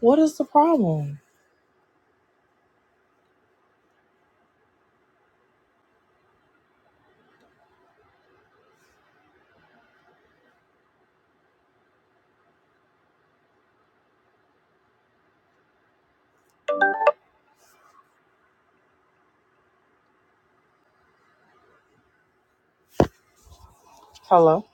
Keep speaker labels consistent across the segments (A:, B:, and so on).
A: What is the problem? Hello.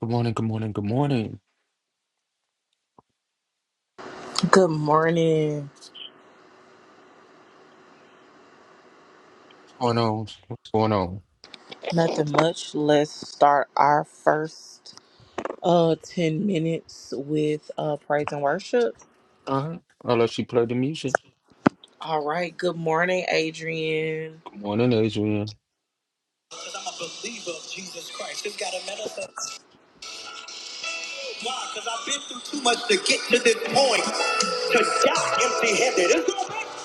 B: Good morning, good morning, good morning.
A: Good morning.
B: What's going on? What's going on?
A: Nothing much. Let's start our first uh 10 minutes with uh praise and worship.
B: Uh-huh. Unless she played the music.
A: All right. Good morning, Adrian.
B: Good morning, Adrian.
A: Because I'm a believer of Jesus Christ. It's got to manifest. Why? Because I've been through too much to get to this point. To die empty handed. It's going to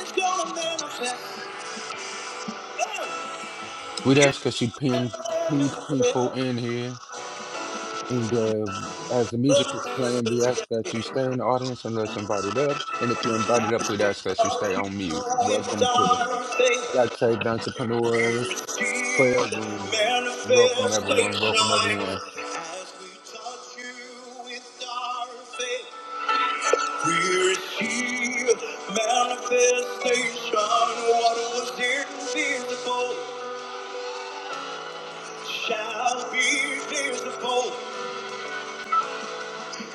A: it's gonna manifest. Hey,
B: We'd ask her she
A: It's
B: pin pink people in here. And uh, as the music is
A: gonna
B: playing, we
A: manifest.
B: ask that you stay in the audience unless invited up. And if you're invited up, we'd ask that you stay on mute. Welcome to Black Saved Entrepreneurs Prayer Room. Welcome everyone. Welcome everyone.
A: As we touch you with our faith, we receive manifestation. What was invisible shall be visible,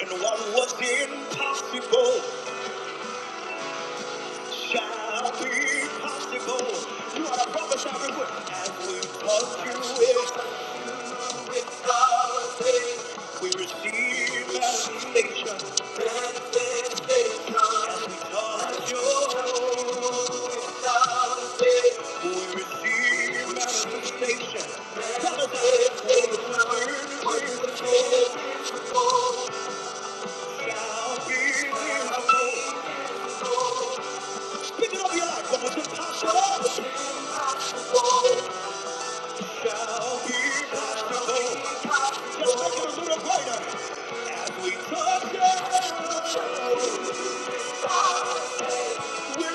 A: and what was impossible shall be possible. You are a prophesy with as we touch you it's We receive salvation. Shall be possible. Just make it a little brighter as we touch it. We're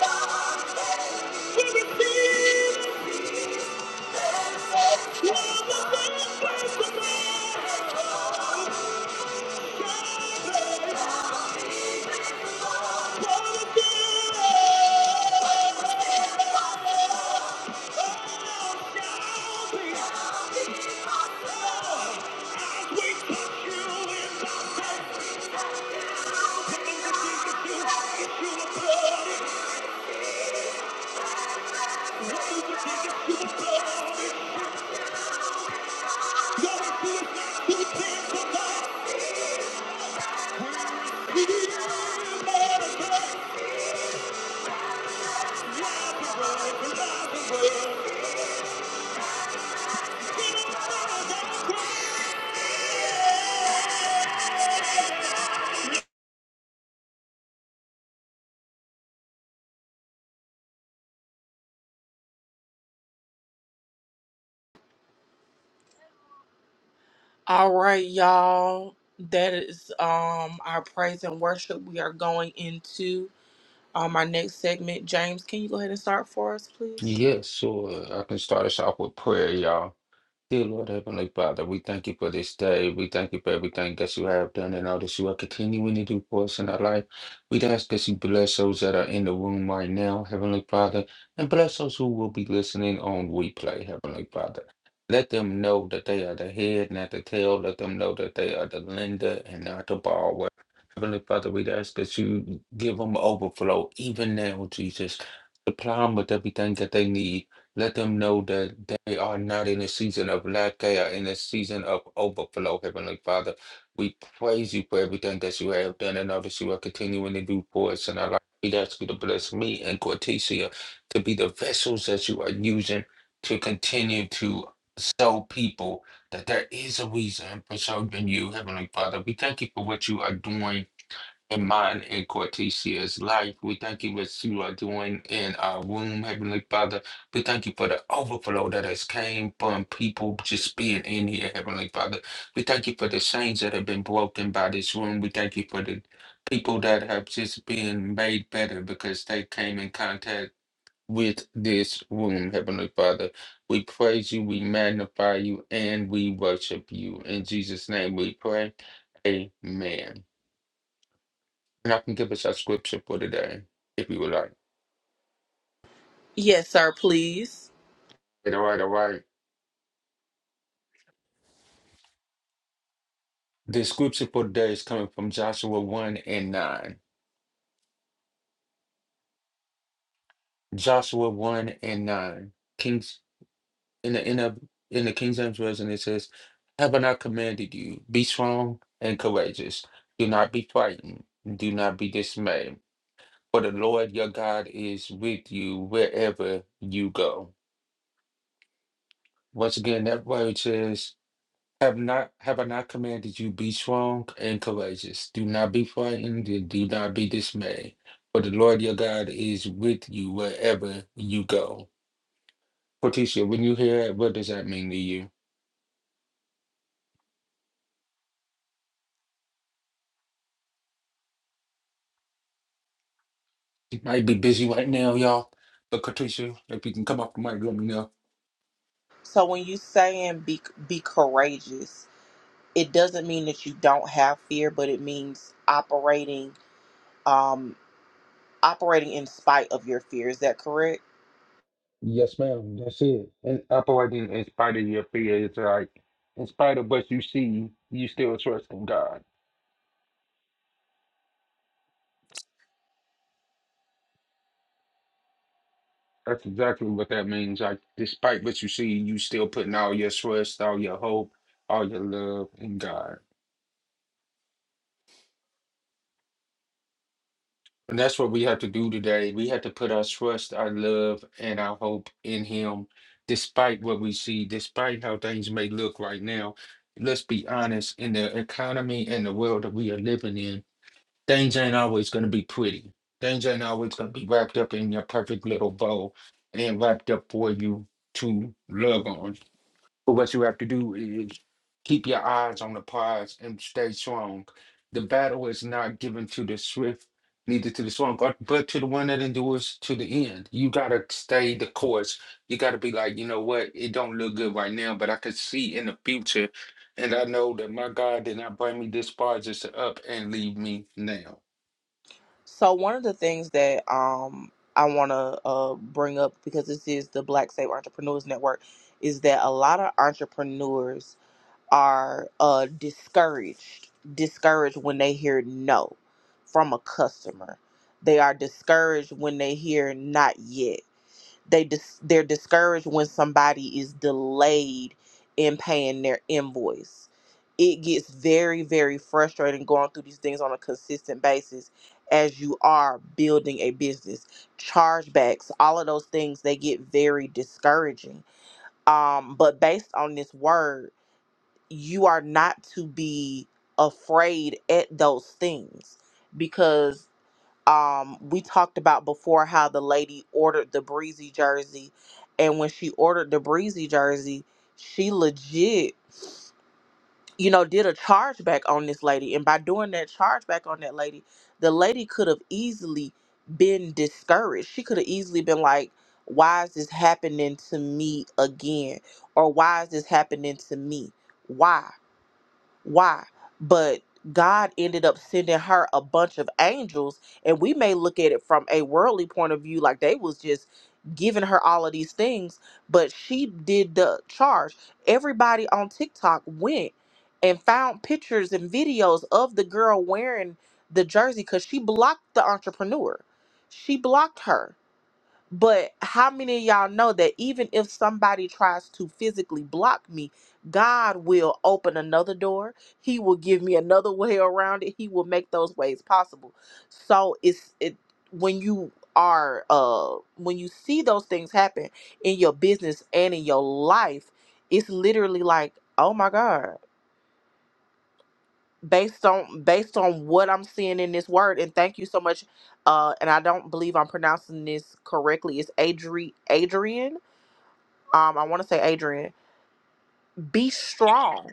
A: Thank you. All right, y'all. That is um our praise and worship. We are going into um our next segment. James, can you go ahead and start for us, please?
B: Yes, so uh, I can start us off with prayer, y'all. Dear Lord Heavenly Father, we thank you for this day. We thank you for everything that you have done and all that you are continuing to do for us in our life. We ask that you bless those that are in the room right now, Heavenly Father, and bless those who will be listening on replay, Heavenly Father. Let them know that they are the head, not the tail. Let them know that they are the lender and not the borrower. Heavenly Father, we ask that you give them overflow, even now, Jesus. Supply them with everything that they need let them know that they are not in a season of lack, they are in a season of overflow, Heavenly Father. We praise you for everything that you have done and all that you are continuing to do for us in our life. We ask you to bless me and Cortesia to be the vessels that you are using to continue to show people that there is a reason for serving you, Heavenly Father. We thank you for what you are doing in mine and Cortesia's life. We thank you what you are doing in our womb, Heavenly Father. We thank you for the overflow that has came from people just being in here, Heavenly Father. We thank you for the chains that have been broken by this room. We thank you for the people that have just been made better because they came in contact with this room, Heavenly Father. We praise you, we magnify you, and we worship you. In Jesus' name we pray. Amen. And I can give us a scripture for today, if you would like.
A: Yes, sir, please.
B: All right, all right. The scripture for today is coming from Joshua 1 and 9. Joshua 1 and 9. Kings in the in the in the King James Version it says, Have I not commanded you? Be strong and courageous. Do not be frightened. Do not be dismayed. For the Lord your God is with you wherever you go. Once again, that word says Have not have I not commanded you be strong and courageous? Do not be frightened and do not be dismayed. For the Lord your God is with you wherever you go. Patricia, when you hear that, what does that mean to you? You might be busy right now, y'all. But Patricia, if you can come off the mic, let me know.
A: So when you saying be be courageous, it doesn't mean that you don't have fear, but it means operating um operating in spite of your fear. Is that correct?
B: Yes, ma'am. That's it. And operating in spite of your fears, like in spite of what you see, you still trust in God. That's exactly what that means. Like, despite what you see, you still putting all your trust, all your hope, all your love in God. And that's what we have to do today. We have to put our trust, our love, and our hope in Him, despite what we see, despite how things may look right now. Let's be honest, in the economy and the world that we are living in, things ain't always going to be pretty. Things ain't always going to be wrapped up in your perfect little bow and wrapped up for you to love on. But what you have to do is keep your eyes on the prize and stay strong. The battle is not given to the swift, neither to the strong, but but to the one that endures to the end. You gotta stay the course. You gotta be like, you know what? It don't look good right now, but I could see in the future, and I know that my God did not bring me this far just to up and leave me now.
A: So one of the things that um I want to uh bring up because this is the Black Save Entrepreneurs Network is that a lot of entrepreneurs are uh discouraged discouraged when they hear no from a customer they are discouraged when they hear not yet they dis- they're discouraged when somebody is delayed in paying their invoice it gets very very frustrating going through these things on a consistent basis as you are building a business chargebacks all of those things they get very discouraging um but based on this word you are not to be afraid at those things because um we talked about before how the lady ordered the breezy jersey and when she ordered the breezy jersey she legit you know did a chargeback on this lady and by doing that chargeback on that lady the lady could have easily been discouraged she could have easily been like why is this happening to me again or why is this happening to me why why but god ended up sending her a bunch of angels and we may look at it from a worldly point of view like they was just giving her all of these things but she did the charge everybody on tiktok went and found pictures and videos of the girl wearing the jersey because she blocked the entrepreneur she blocked her but how many of y'all know that even if somebody tries to physically block me, God will open another door. He will give me another way around it. He will make those ways possible. So it's it when you are uh when you see those things happen in your business and in your life, it's literally like, "Oh my God." Based on based on what I'm seeing in this word and thank you so much uh and I don't believe I'm pronouncing this correctly. It's Adri Adrian um i want to say adrian be strong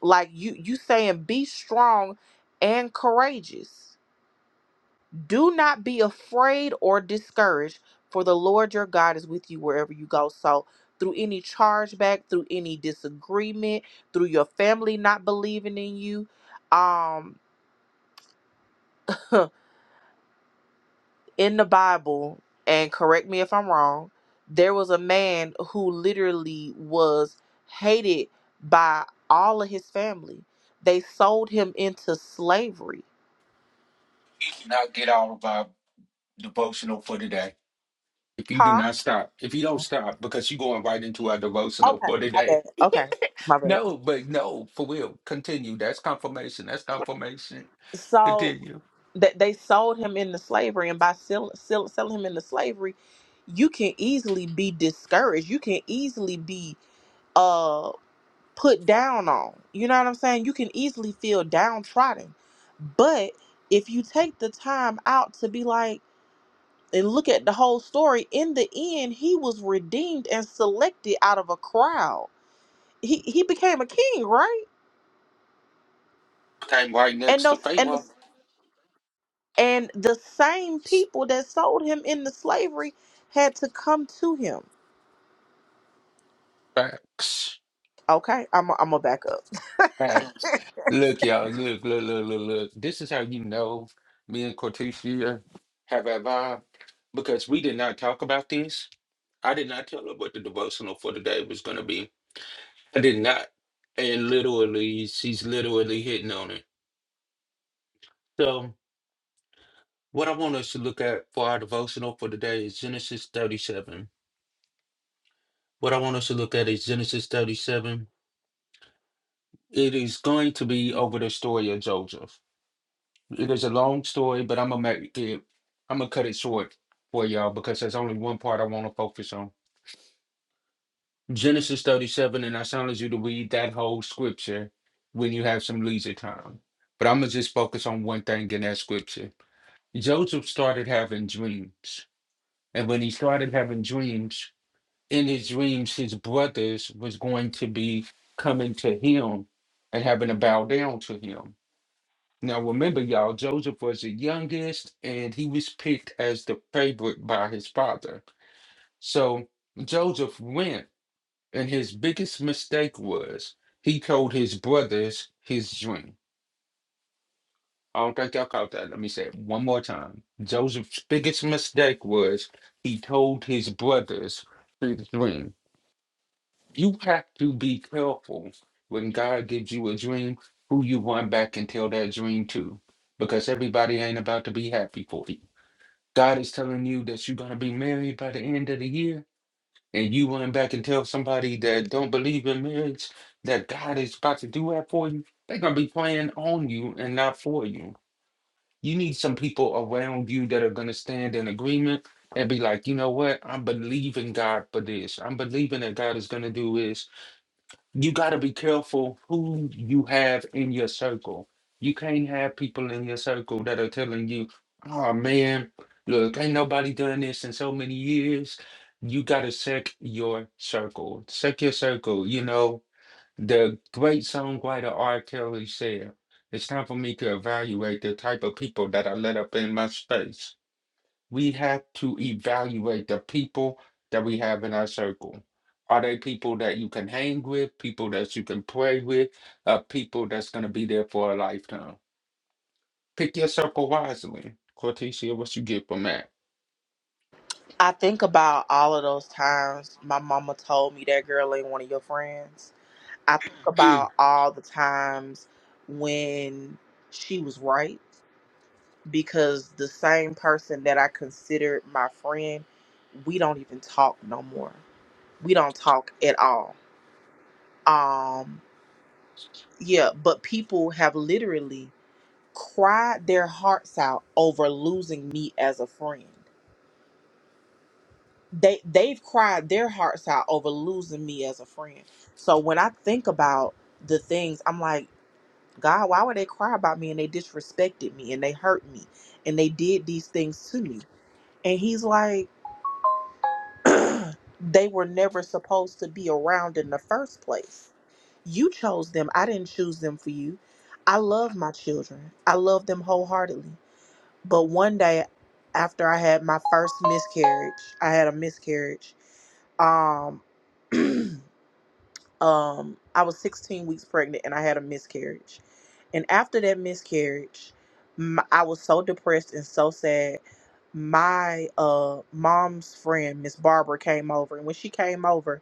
A: like you you saying be strong and courageous do not be afraid or discouraged for the lord your god is with you wherever you go so through any chargeback through any disagreement through your family not believing in you um in the Bible, and correct me if I'm wrong, there was a man who literally was hated by all of his family. They sold him into slavery.
B: Now get out of our devotional for today. If you do
A: Huh?
B: not stop, if you don't stop, because you're going right into our devotional
A: Okay,
B: for
A: my
B: today
A: bad. Okay, my bad.
B: No, but no, for real. Continue. That's confirmation. That's confirmation.
A: So
B: Continue.
A: that they sold him into slavery, and by sell, sell, selling him into slavery, you can easily be discouraged. You can easily be uh, put down on. You know what I'm saying? You can easily feel downtrodden. But if you take the time out to be like, and look at the whole story, in the end, he was redeemed and selected out of a crowd. He he became a king, right?
B: Came right
A: And
B: next to
A: those
B: faith.
A: and the,
B: Well,
A: and the same people that sold him into slavery had to come to him.
B: facts.
A: Okay, I'm i I'm gonna back up.
B: Facts. Look, y'all. you Look, look, look, look, look. This is how you know me and Cortesia have a vibe because we did not talk about this. I did not tell her what the devotional for today was going to be. I did not. And literally, she's literally hitting on it. So, what I want us to look at for our devotional for today is Genesis 37. What I want us to look at is Genesis 37. It is going to be over the story of Joseph. It is a long story, but I'm gonna make it, I'm gonna cut it short for y'all because there's only one part I want to focus on. Genesis 37, and I challenge you to read that whole scripture when you have some leisure time. But I'm gonna just focus on one thing in that scripture. Joseph started having dreams, and when he started having dreams, in his dreams his brothers was going to be coming to him and having to bow down to him. Now remember y'all, Joseph was the youngest and he was picked as the favorite by his father. So Joseph went and his biggest mistake was he told his brothers his dream. I don't think y'all caught that. Let me say it one more time. Joseph's biggest mistake was he told his brothers his dream. you have to be careful when God gives you a dream who you run back and tell that dream to because everybody ain't about to be happy for you. God is telling you that you're going to be married by the end of the year and you run back and tell somebody that don't believe in marriage that God is about to do that for you. They're going to be playing on you and not for you. You need some people around you that are going to stand in agreement and be like, you know what? I'm believing God for this. I'm believing that God is going to do this you got to be careful who you have in your circle. You can't have people in your circle that are telling you, oh man, look, ain't nobody done this in so many years. You got to check your circle. Check your circle. You know, the great songwriter R. Kelly said, it's time for me to evaluate the type of people that I let up in my space we have to evaluate the people that we have in our circle. Are they people that you can hang with, people that you can play with, uh, people that's going to be there for a lifetime? Pick your circle wisely. Cortesia, what you get from that?
A: I think about all of those times my mama told me that girl ain't one of your friends. I think
B: Mm.
A: about all the times when she was right because the same person that I considered my friend, we don't even talk no more. We don't talk at all. Um Yeah, but people have literally cried their hearts out over losing me as a friend. They they've cried their hearts out over losing me as a friend. So when I think about the things, I'm like, God, why would they cry about me and they disrespected me and they hurt me and they did these things to me? And he's like, they were never supposed to be around in the first place. You chose them. I didn't choose them for you. I love my children. I love them wholeheartedly. But one day after I had my first miscarriage, I had a miscarriage. Um um I was 16 weeks pregnant and I had a miscarriage. And after that miscarriage, m I I was so depressed and so sad. My uh mom's friend, Miss Barbara came over and when she came over,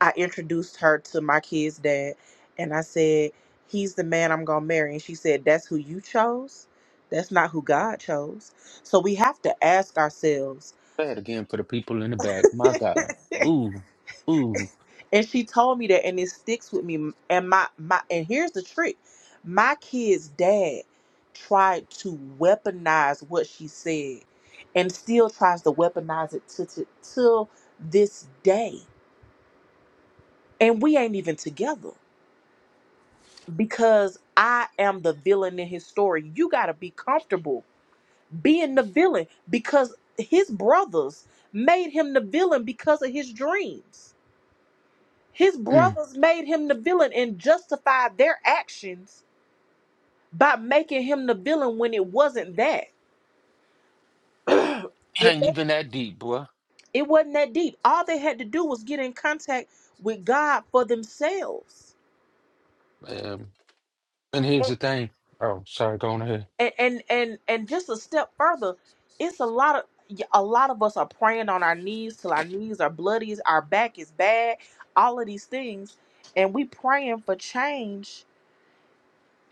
A: I introduced her to my kid's dad and I said, "He's the man I'm going to marry." And she said, "That's who you chose? That's not who God chose." So we have to ask ourselves
B: Bad again for the people in the back. My God. Ooh, ooh.
A: And she told me that, and it sticks with me. And my my and here's the trick: my kid's dad tried to weaponize what she said, and still tries to weaponize it to, to till this day. And we ain't even together because I am the villain in his story. You gotta be comfortable being the villain because his brothers made him the villain because of his dreams. His
B: Mm.
A: brothers made him the villain and justified their actions by making him the villain when it wasn't that.
B: It
A: if
B: ain't
A: they,
B: even that deep, boy.
A: it wasn't that deep, all they had to do was get in contact with God for themselves.
B: Um, and here's the thing. Oh, sorry, go on ahead.
A: And and and and just a step further, it's a lot of a lot of us are praying on our knees till our knees are bloody, our back is bad, all of these things, and we praying for change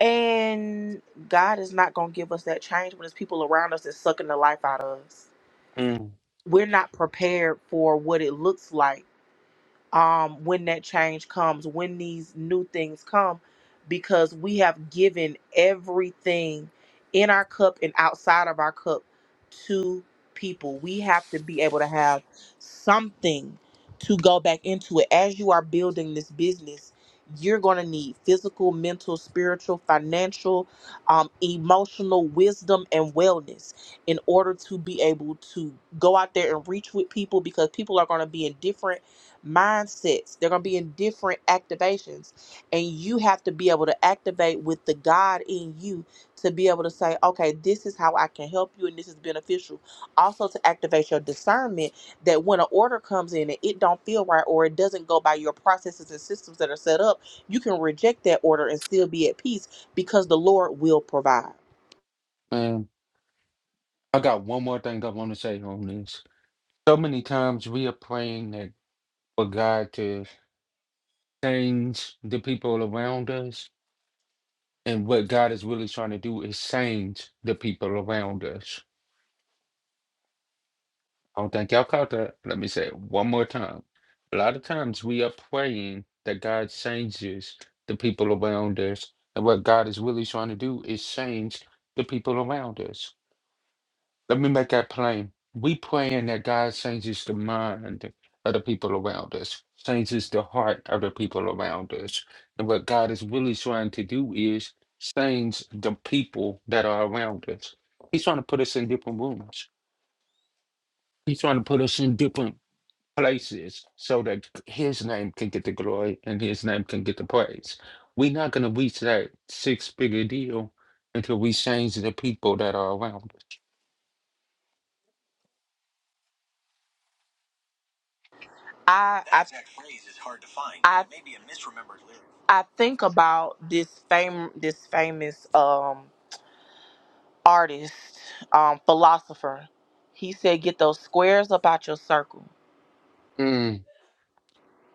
A: And God is not going to give us that change when it's people around us that's sucking the life out of us.
B: Mm.
A: We're not prepared for what it looks like um, when that change comes, when these new things come, because we have given everything in our cup and outside of our cup to people. We have to be able to have something to go back into it. As you are building this business, you're going to need physical, mental, spiritual, financial, um, emotional wisdom, and wellness in order to be able to go out there and reach with people because people are going to be in different mindsets. They're going to be in different activations. And you have to be able to activate with the God in you to be able to say, okay, this is how I can help you and this is beneficial. Also to activate your discernment that when an order comes in and it don't feel right or it doesn't go by your processes and systems that are set up, you can reject that order and still be at peace because the Lord will provide.
B: Man, I got one more thing I want to say on this. So many times we are praying that for God to change the people around us. And what God is really trying to do is change the people around us. I don't think y'all caught that. Let me say it one more time. A lot of times we are praying that God changes the people around us. And what God is really trying to do is change the people around us. Let me make that plain. We praying that God changes the mind of the people around us, changes the heart of the people around us. And what God is really trying to do is change the people that are around us. He's trying to put us in different rooms. He's trying to put us in different places so that his name can get the glory and his name can get the praise. We're not going to reach that six figure deal until we change the people that are around us.
A: I I, that exact phrase is hard to find. I, it may be a misremembered lyric. I think about this fame this famous um artist, um philosopher. He said, "Get those squares up out your circle.
B: Mm.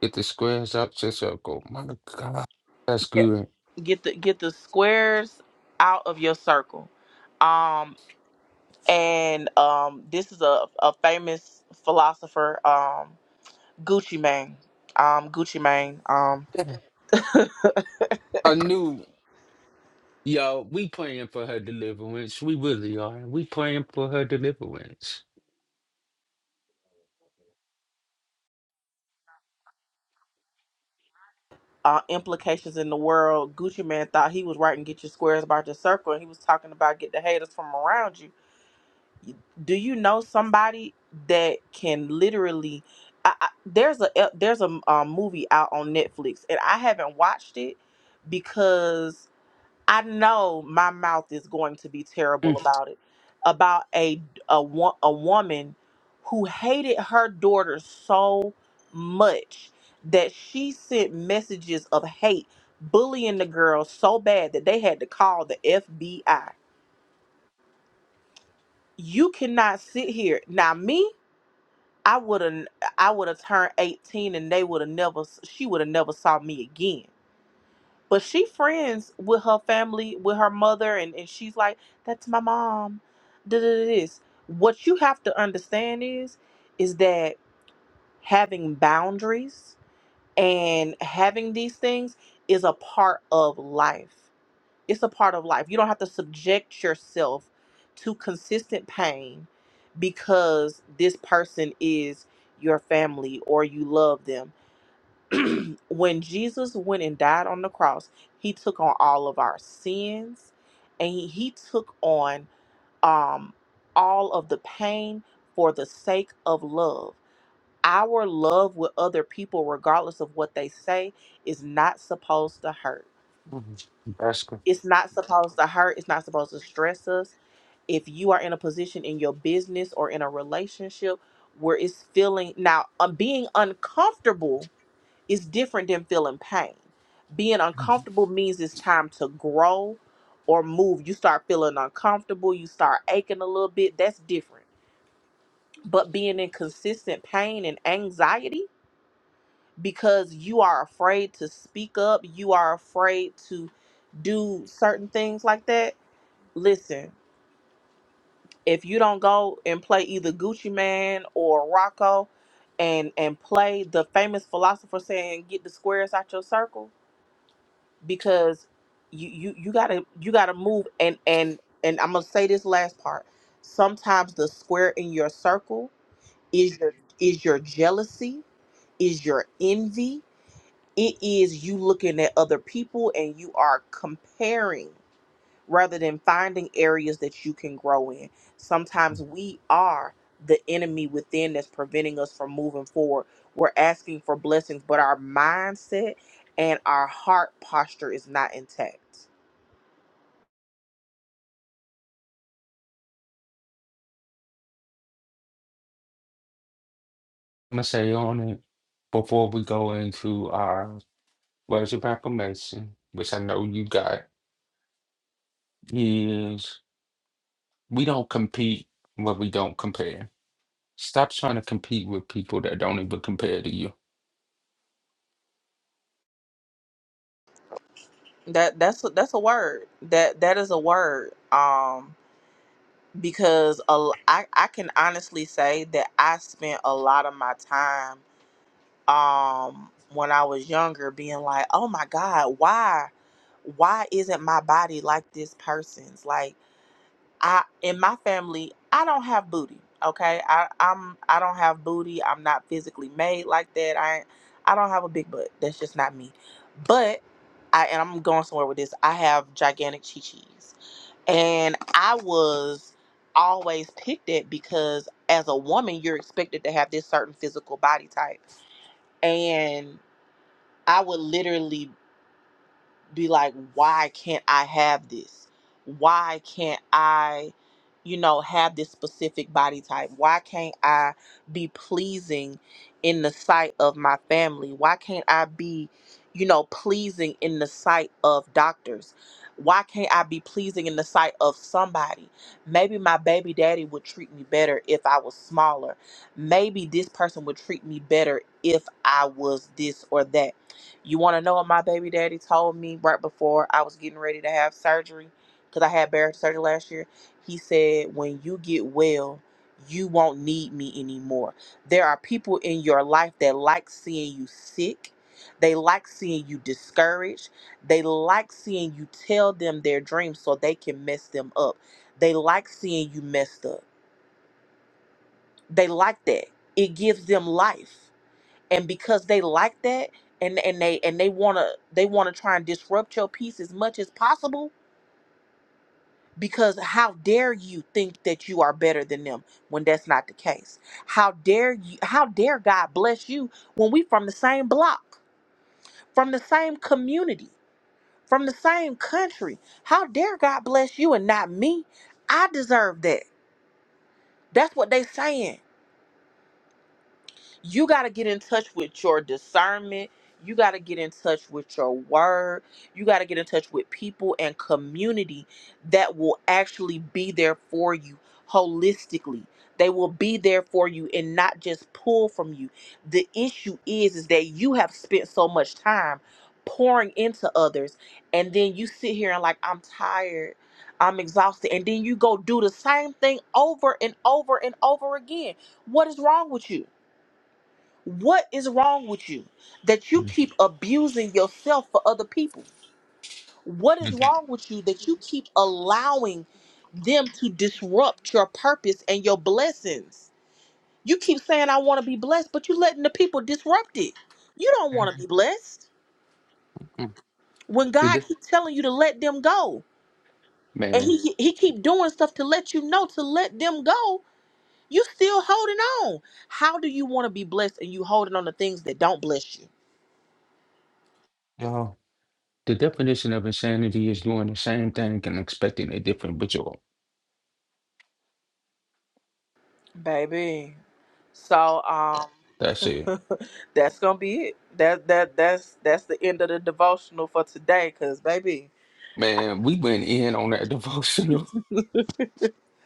B: Get the squares up to circle. My God, that's
A: Get
B: good.
A: get the get the squares out of your circle." Um, and um, this is a, a famous philosopher, um, Gucci Mane. Um, Gucci Mane. Um,
B: Yeah. I knew, y'all, we praying for her deliverance. We really are. We praying for her deliverance.
A: uh, implications in the world. Gucci Mane thought he was writing "Get Your Squares About Your Circle," and he was talking about get the haters from around you. Do you know somebody that can literally? I, I, there's a there's a um, movie out on Netflix, and I haven't watched it because I know my mouth is going to be terrible
B: Mm,
A: about it, about a a, wo- a woman who hated her daughter so much that she sent messages of hate, bullying the girl so bad that they had to call the FBI. You cannot sit here now. Me, I would have I would have turned eighteen, and they would have never. She would have never saw me again But she friends with her family, with her mother, and, and she's like, that's my mom. Da da da this. What you have to understand is, is that having boundaries and having these things is a part of life. It's a part of life. You don't have to subject yourself to consistent pain because this person is your family or you love them when Jesus went and died on the cross, he took on all of our sins and he, he took on um all of the pain for the sake of love. Our love with other people, regardless of what they say, is not supposed to hurt.
B: mm, That's good.
A: It's not supposed to hurt. It's not supposed to stress us. If you are in a position in your business or in a relationship where it's feeling now, uh, being uncomfortable it's different than feeling pain. Being uncomfortable means it's time to grow or move. You start feeling uncomfortable, you start aching a little bit. That's different. But being in consistent pain and anxiety because you are afraid to speak up, you are afraid to do certain things like that. Listen, if you don't go and play either Gucci Man or Rocco and and play the famous philosopher saying get the squares out your circle, because you you you gotta you gotta move and and and I'm gonna say this last part. Sometimes the square in your circle is your is your jealousy, is your envy. It is you looking at other people and you are comparing rather than finding areas that you can grow in.
B: I'm
A: Sometimes we are the enemy within that's preventing us from moving forward. We're asking for blessings, but our mindset and our heart posture is not intact.
B: going to say on it before we go into our words of affirmation, which I know you got, is we don't compete when we don't compare. Stop trying to compete with people that don't even compare to you.
A: That that's a, that's a word. That that is a word. Um, because a l I I can honestly say that I spent a lot of my time um when I was younger being like, oh my God, why why isn't my body like this person's? Like I in my family, I don't have booty. Okay, I I'm I don't have booty. I'm not physically made like that. I I don't have a big butt. That's just not me. But I and I'm going somewhere with this. I have gigantic chi chis, and I was always picked at because as a woman, you're expected to have this certain physical body type, and I would literally be like, why can't I have this? Why can't I, you know, have this specific body type? Why can't I be pleasing in the sight of my family? Why can't I be, you know, pleasing in the sight of doctors? Why can't I be pleasing in the sight of somebody? Maybe my baby daddy would treat me better if I was smaller. Maybe this person would treat me better if I was this or that you want to know what my baby daddy told me right before I was getting ready to have surgery? Because I had bariatric surgery last year. He said, When you get well, you won't need me anymore. There are people in your life that like seeing you sick. They like seeing you discouraged. They like seeing you tell them their dreams so they can mess them up. They like seeing you messed up. They like that. It gives them life and because they like that and and they and they want to they want to try and disrupt your peace as much as possible because how dare you think that you are better than them when that's not the case how dare you how dare god bless you when we from the same block from the same community from the same country how dare god bless you and not me i deserve that that's what they saying you got to get in touch with your discernment. You got to get in touch with your word. You got to get in touch with people and community that will actually be there for you holistically. They will be there for you and not just pull from you. The issue is is that you have spent so much time pouring into others and then you sit here and like I'm tired. I'm exhausted. And then you go do the same thing over and over and over again. What is wrong with you? What is wrong with you that you
B: Mm,
A: keep abusing yourself for other people? What is
B: mhm,
A: wrong with you that you keep allowing them to disrupt your purpose and your blessings? You keep saying, I want to be blessed, but you letting the people disrupt it. You don't want to
B: mhm,
A: be blessed. When God
B: mhm.
A: keeps telling you to let them go, and
B: Man,
A: he, he keep doing stuff to let you know to let them go, you still holding on. How do you want to be blessed and you holding on to things that don't bless you?
B: y'all. The definition of insanity is doing the same thing and expecting a different result.
A: Baby. So um
B: That's it.
A: that's gonna be it. That that that's that's the end of the devotional for today. Cause baby,
B: Man, we went in on that devotional.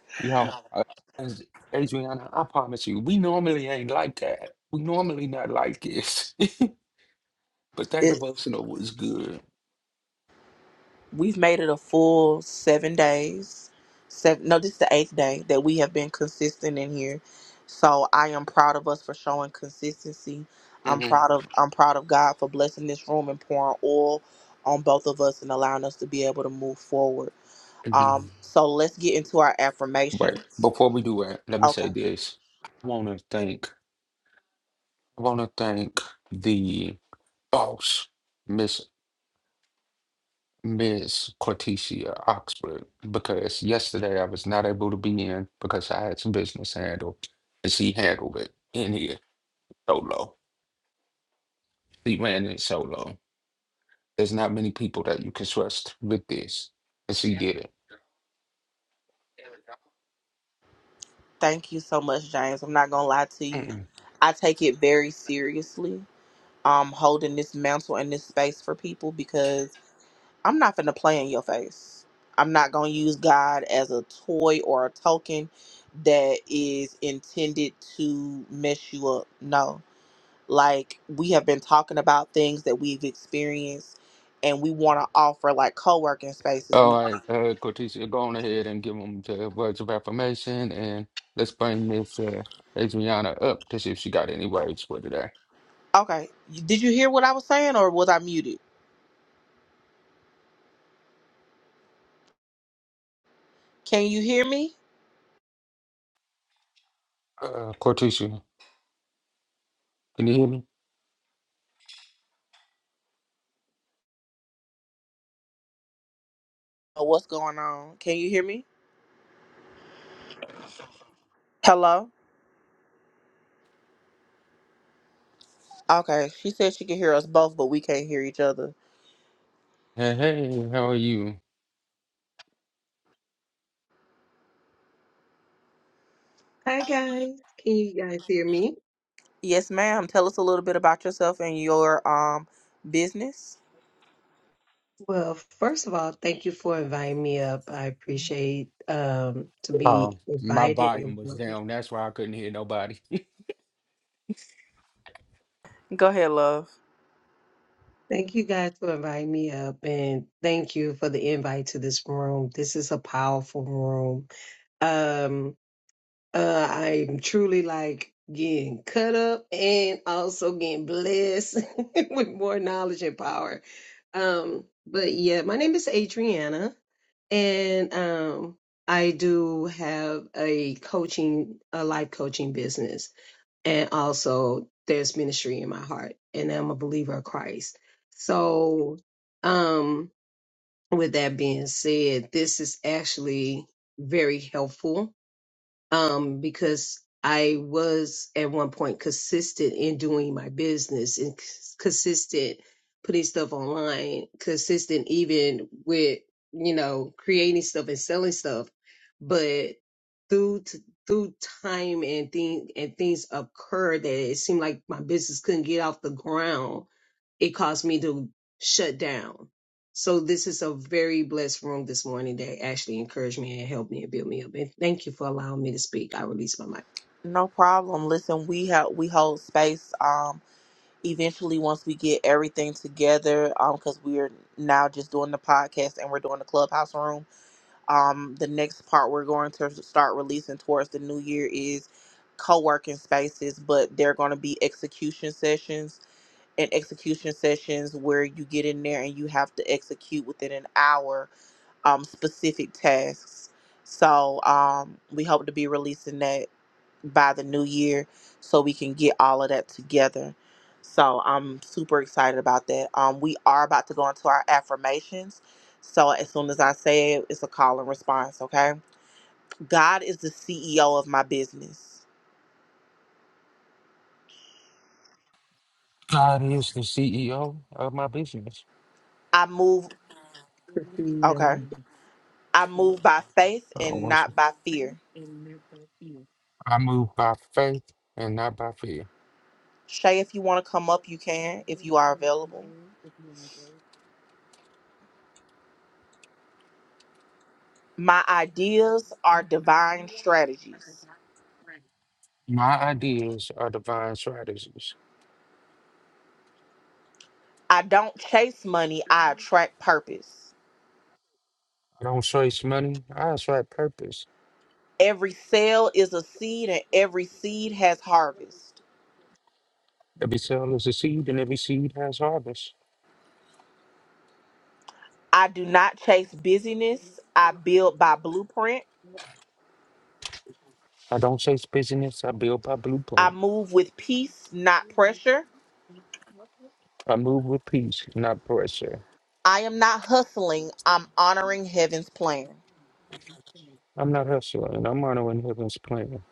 B: Y'all, uh, as- Adriana, I promise you, we normally ain't like that. We normally not like this. but that
A: it
B: devotional was good.
A: we've made it a full seven days. Seven, no, this is the eighth day that we have been consistent in here. So I am proud of us for showing consistency. I'm
B: Mm-hmm.
A: proud of I'm proud of God for blessing this room and pouring oil on both of us and allowing us to be able to move forward. Um, so let's get into our
B: Right.
A: affirmations.
B: Before we do that, let me
A: Okay.
B: say this. I want to thank, I want to thank the boss, Miss Miss Cortesia Oxford because yesterday I was not able to be in because I had some business to handle and she handled it in here solo. She ran it solo. There's not many people that you can trust with this, and she did it.
A: Thank you so much, James. I'm not gonna lie to you.
B: Mm-mm.
A: I take it very seriously. Um, holding this mantle and this space for people because I'm not gonna play in your face. I'm not gonna use God as a toy or a token that is intended to mess you up. No, like we have been talking about things that we've experienced, and we want to offer like co-working spaces. We
B: All right, uh, Cortesia, go on ahead and give them the words of affirmation, and let's bring Miss uh, Adriana up to see if she got any words for today.
A: okay. Did you hear what I was saying, or was I muted? Can you hear me?
B: Uh, Cortesia, can you hear me?
A: know what's going on. Can you hear me? Hello? Okay. She said she can hear us both, but we can't hear each other.
B: Hey, hey, how are you?
C: Hi guys, can you guys hear me?
A: Yes, ma'am. Tell us a little bit about yourself and your um business.
C: Well, first of all, thank you for inviting me up. I appreciate um to
B: Oh,
C: be
B: my
C: invited and
B: volume was
C: welcomed.
B: down. That's why I couldn't hear nobody.
A: Go ahead, love.
C: thank you guys for inviting me up and thank you for the invite to this room. This is a powerful room. Um Uh, I'm truly like getting cut up and also getting blessed with more knowledge and power. Um, but yeah, my name is Adriana, and um, I do have a coaching, a life coaching business, and also there's ministry in my heart, and I'm a believer of Christ. So, um, with that being said, this is actually very helpful um, because I was at one point consistent in doing my business and cons- consistent putting stuff online, consistent even with, you know, creating stuff and selling stuff. But through, t- through time and thing and things occurred that it seemed like my business couldn't get off the ground. It caused me to shut down so this is a very blessed room this morning that actually encouraged me and helped me and built me up. And thank you for allowing me to speak. I release my mic.
A: No problem. Listen, we have we hold space um eventually once we get everything together um cuz we're now just doing the podcast and we're doing the clubhouse room. Um the next part we're going to start releasing towards the new year is co-working spaces, but they're going to be execution sessions and execution sessions where you get in there and you have to execute within an hour um, specific tasks. So um, we hope to be releasing that by the new year so we can get all of that together. So I'm super excited about that. Um, we are about to go into our affirmations. So as soon as I say it, it's a call and response, okay? God is the CEO of my business.
B: God is the CEO of my business.
A: I move, okay? I move by faith
B: I
A: and not
B: worship-
A: by fear.
B: I move by faith and not by fear.
A: Shay, if you want to come up, you can, if you are available. My ideas are divine strategies.
B: My ideas are divine strategies.
A: I don't chase money, I attract purpose.
B: I don't chase money, I chase purpose.
A: Every sale is a seed, and every seed has harvest.
B: Every cell is a seed, and every seed has harvest.
A: I do not chase busyness, I build by blueprint.
B: I don't chase business, I build by
A: I
B: blueprint.
A: move with peace, not pressure.
B: I move with peace, not pressure.
A: I am not hustling, I'm honoring heaven's plan.
B: I'm not hustling, I'm honoring heaven's plan.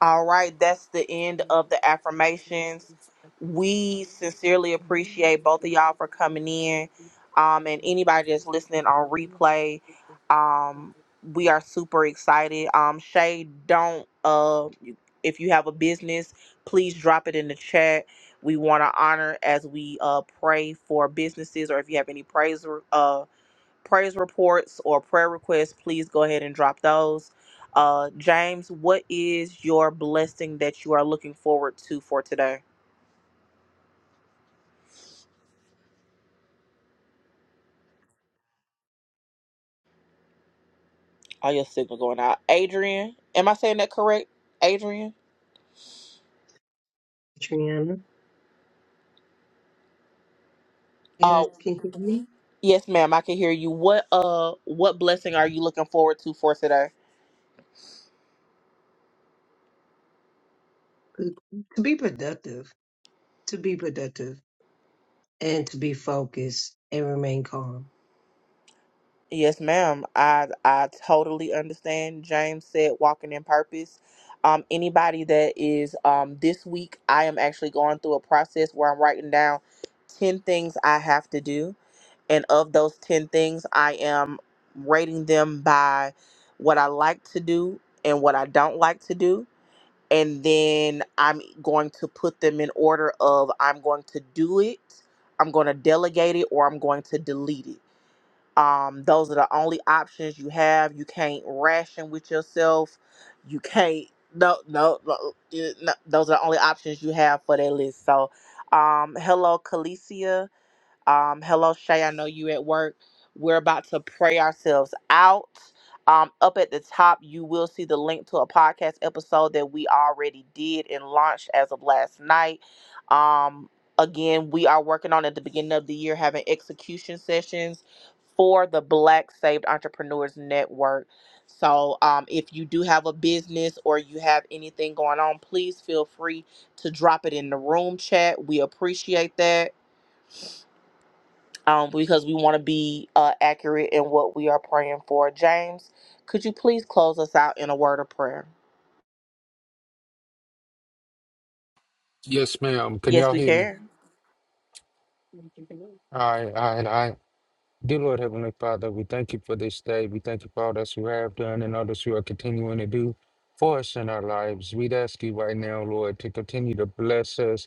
A: All right, that's the end of the affirmations. We sincerely appreciate both of y'all for coming in, um, and anybody that's listening on replay. Um, we are super excited. Um, Shay, don't uh, if you have a business, please drop it in the chat. We want to honor as we uh pray for businesses, or if you have any praise uh praise reports or prayer requests, please go ahead and drop those. Uh, James, what is your blessing that you are looking forward to for today? Oh, your signal going out. Adrian, am I saying that correct? Adrian?
C: Triana,
A: Uh,
C: yes, can you hear me?
A: yes, ma'am. I can hear you. What uh, what blessing are you looking forward to for today?
C: To be productive, to be productive, and to be focused and remain calm.
A: Yes, ma'am. I I totally understand. James said walking in purpose. Um, anybody that is um this week, I am actually going through a process where I'm writing down ten things I have to do, and of those ten things, I am rating them by what I like to do and what I don't like to do, and then I'm going to put them in order of I'm going to do it, I'm going to delegate it, or I'm going to delete it um, those are the only options you have. You can't ration with yourself. You can't. No, no, no, you- no, Those are the only options you have for that list. So, um, hello, Calicia. Um, hello, Shay. I know you at work. We're about to pray ourselves out. Um, up at the top, you will see the link to a podcast episode that we already did and launched as of last night. Um, again, we are working on at the beginning of the year having execution sessions for the Black Saved Entrepreneurs Network. So, um, if you do have a business or you have anything going on, please feel free to drop it in the room chat. We appreciate that um, because we want to be uh, accurate in what we are praying for. James, could you please close us out in a word of prayer?
B: Yes, ma'am. Can
A: Yes,
B: y'all
A: we
B: hear me?
A: can.
B: All right, all right, all right. Dear Lord Heavenly Father, we thank you for this day. We thank you for all that you have done and all that you are continuing to do for us in our lives. We'd ask you right now, Lord, to continue to bless us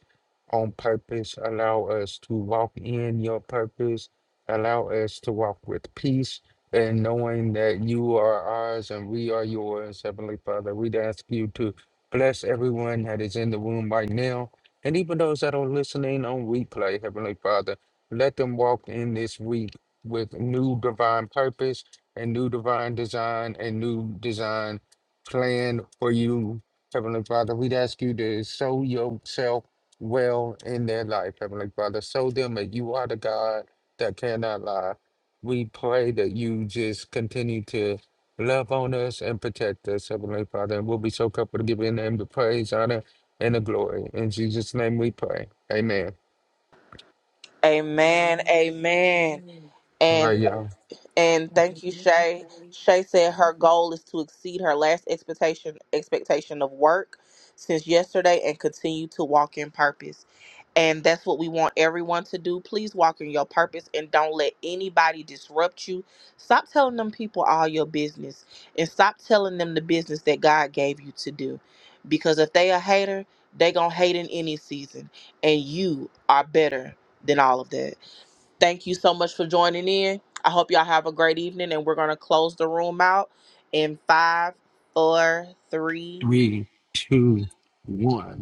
B: on purpose. Allow us to walk in your purpose. Allow us to walk with peace and knowing that you are ours and we are yours, Heavenly Father. We'd ask you to bless everyone that is in the room right now and even those that are listening on replay, Heavenly Father. Let them walk in this week with new divine purpose and new divine design and new design plan for you, Heavenly Father. We'd ask you to sow yourself well in their life, Heavenly Father. Show them that you are the God that cannot lie. We pray that you just continue to love on us and protect us, Heavenly Father. And we'll be so comfortable to give your name the praise, honor, and the glory. In Jesus' name we pray. Amen.
A: Amen. Amen.
B: All
A: And.
B: right, y'all.
A: And thank you, Shay. Shay said her goal is to exceed her last expectation expectation of work since yesterday and continue to walk in purpose. And that's what we want everyone to do. Please walk in your purpose and don't let anybody disrupt you. Stop telling them people all your business and stop telling them the business that God gave you to do. Because if they a hater, they gonna hate in any season. And you are better than all of that. Thank you so much for joining in. I hope y'all have a great evening, and we're going to close the room out in five, four, three,
B: Three, two, one.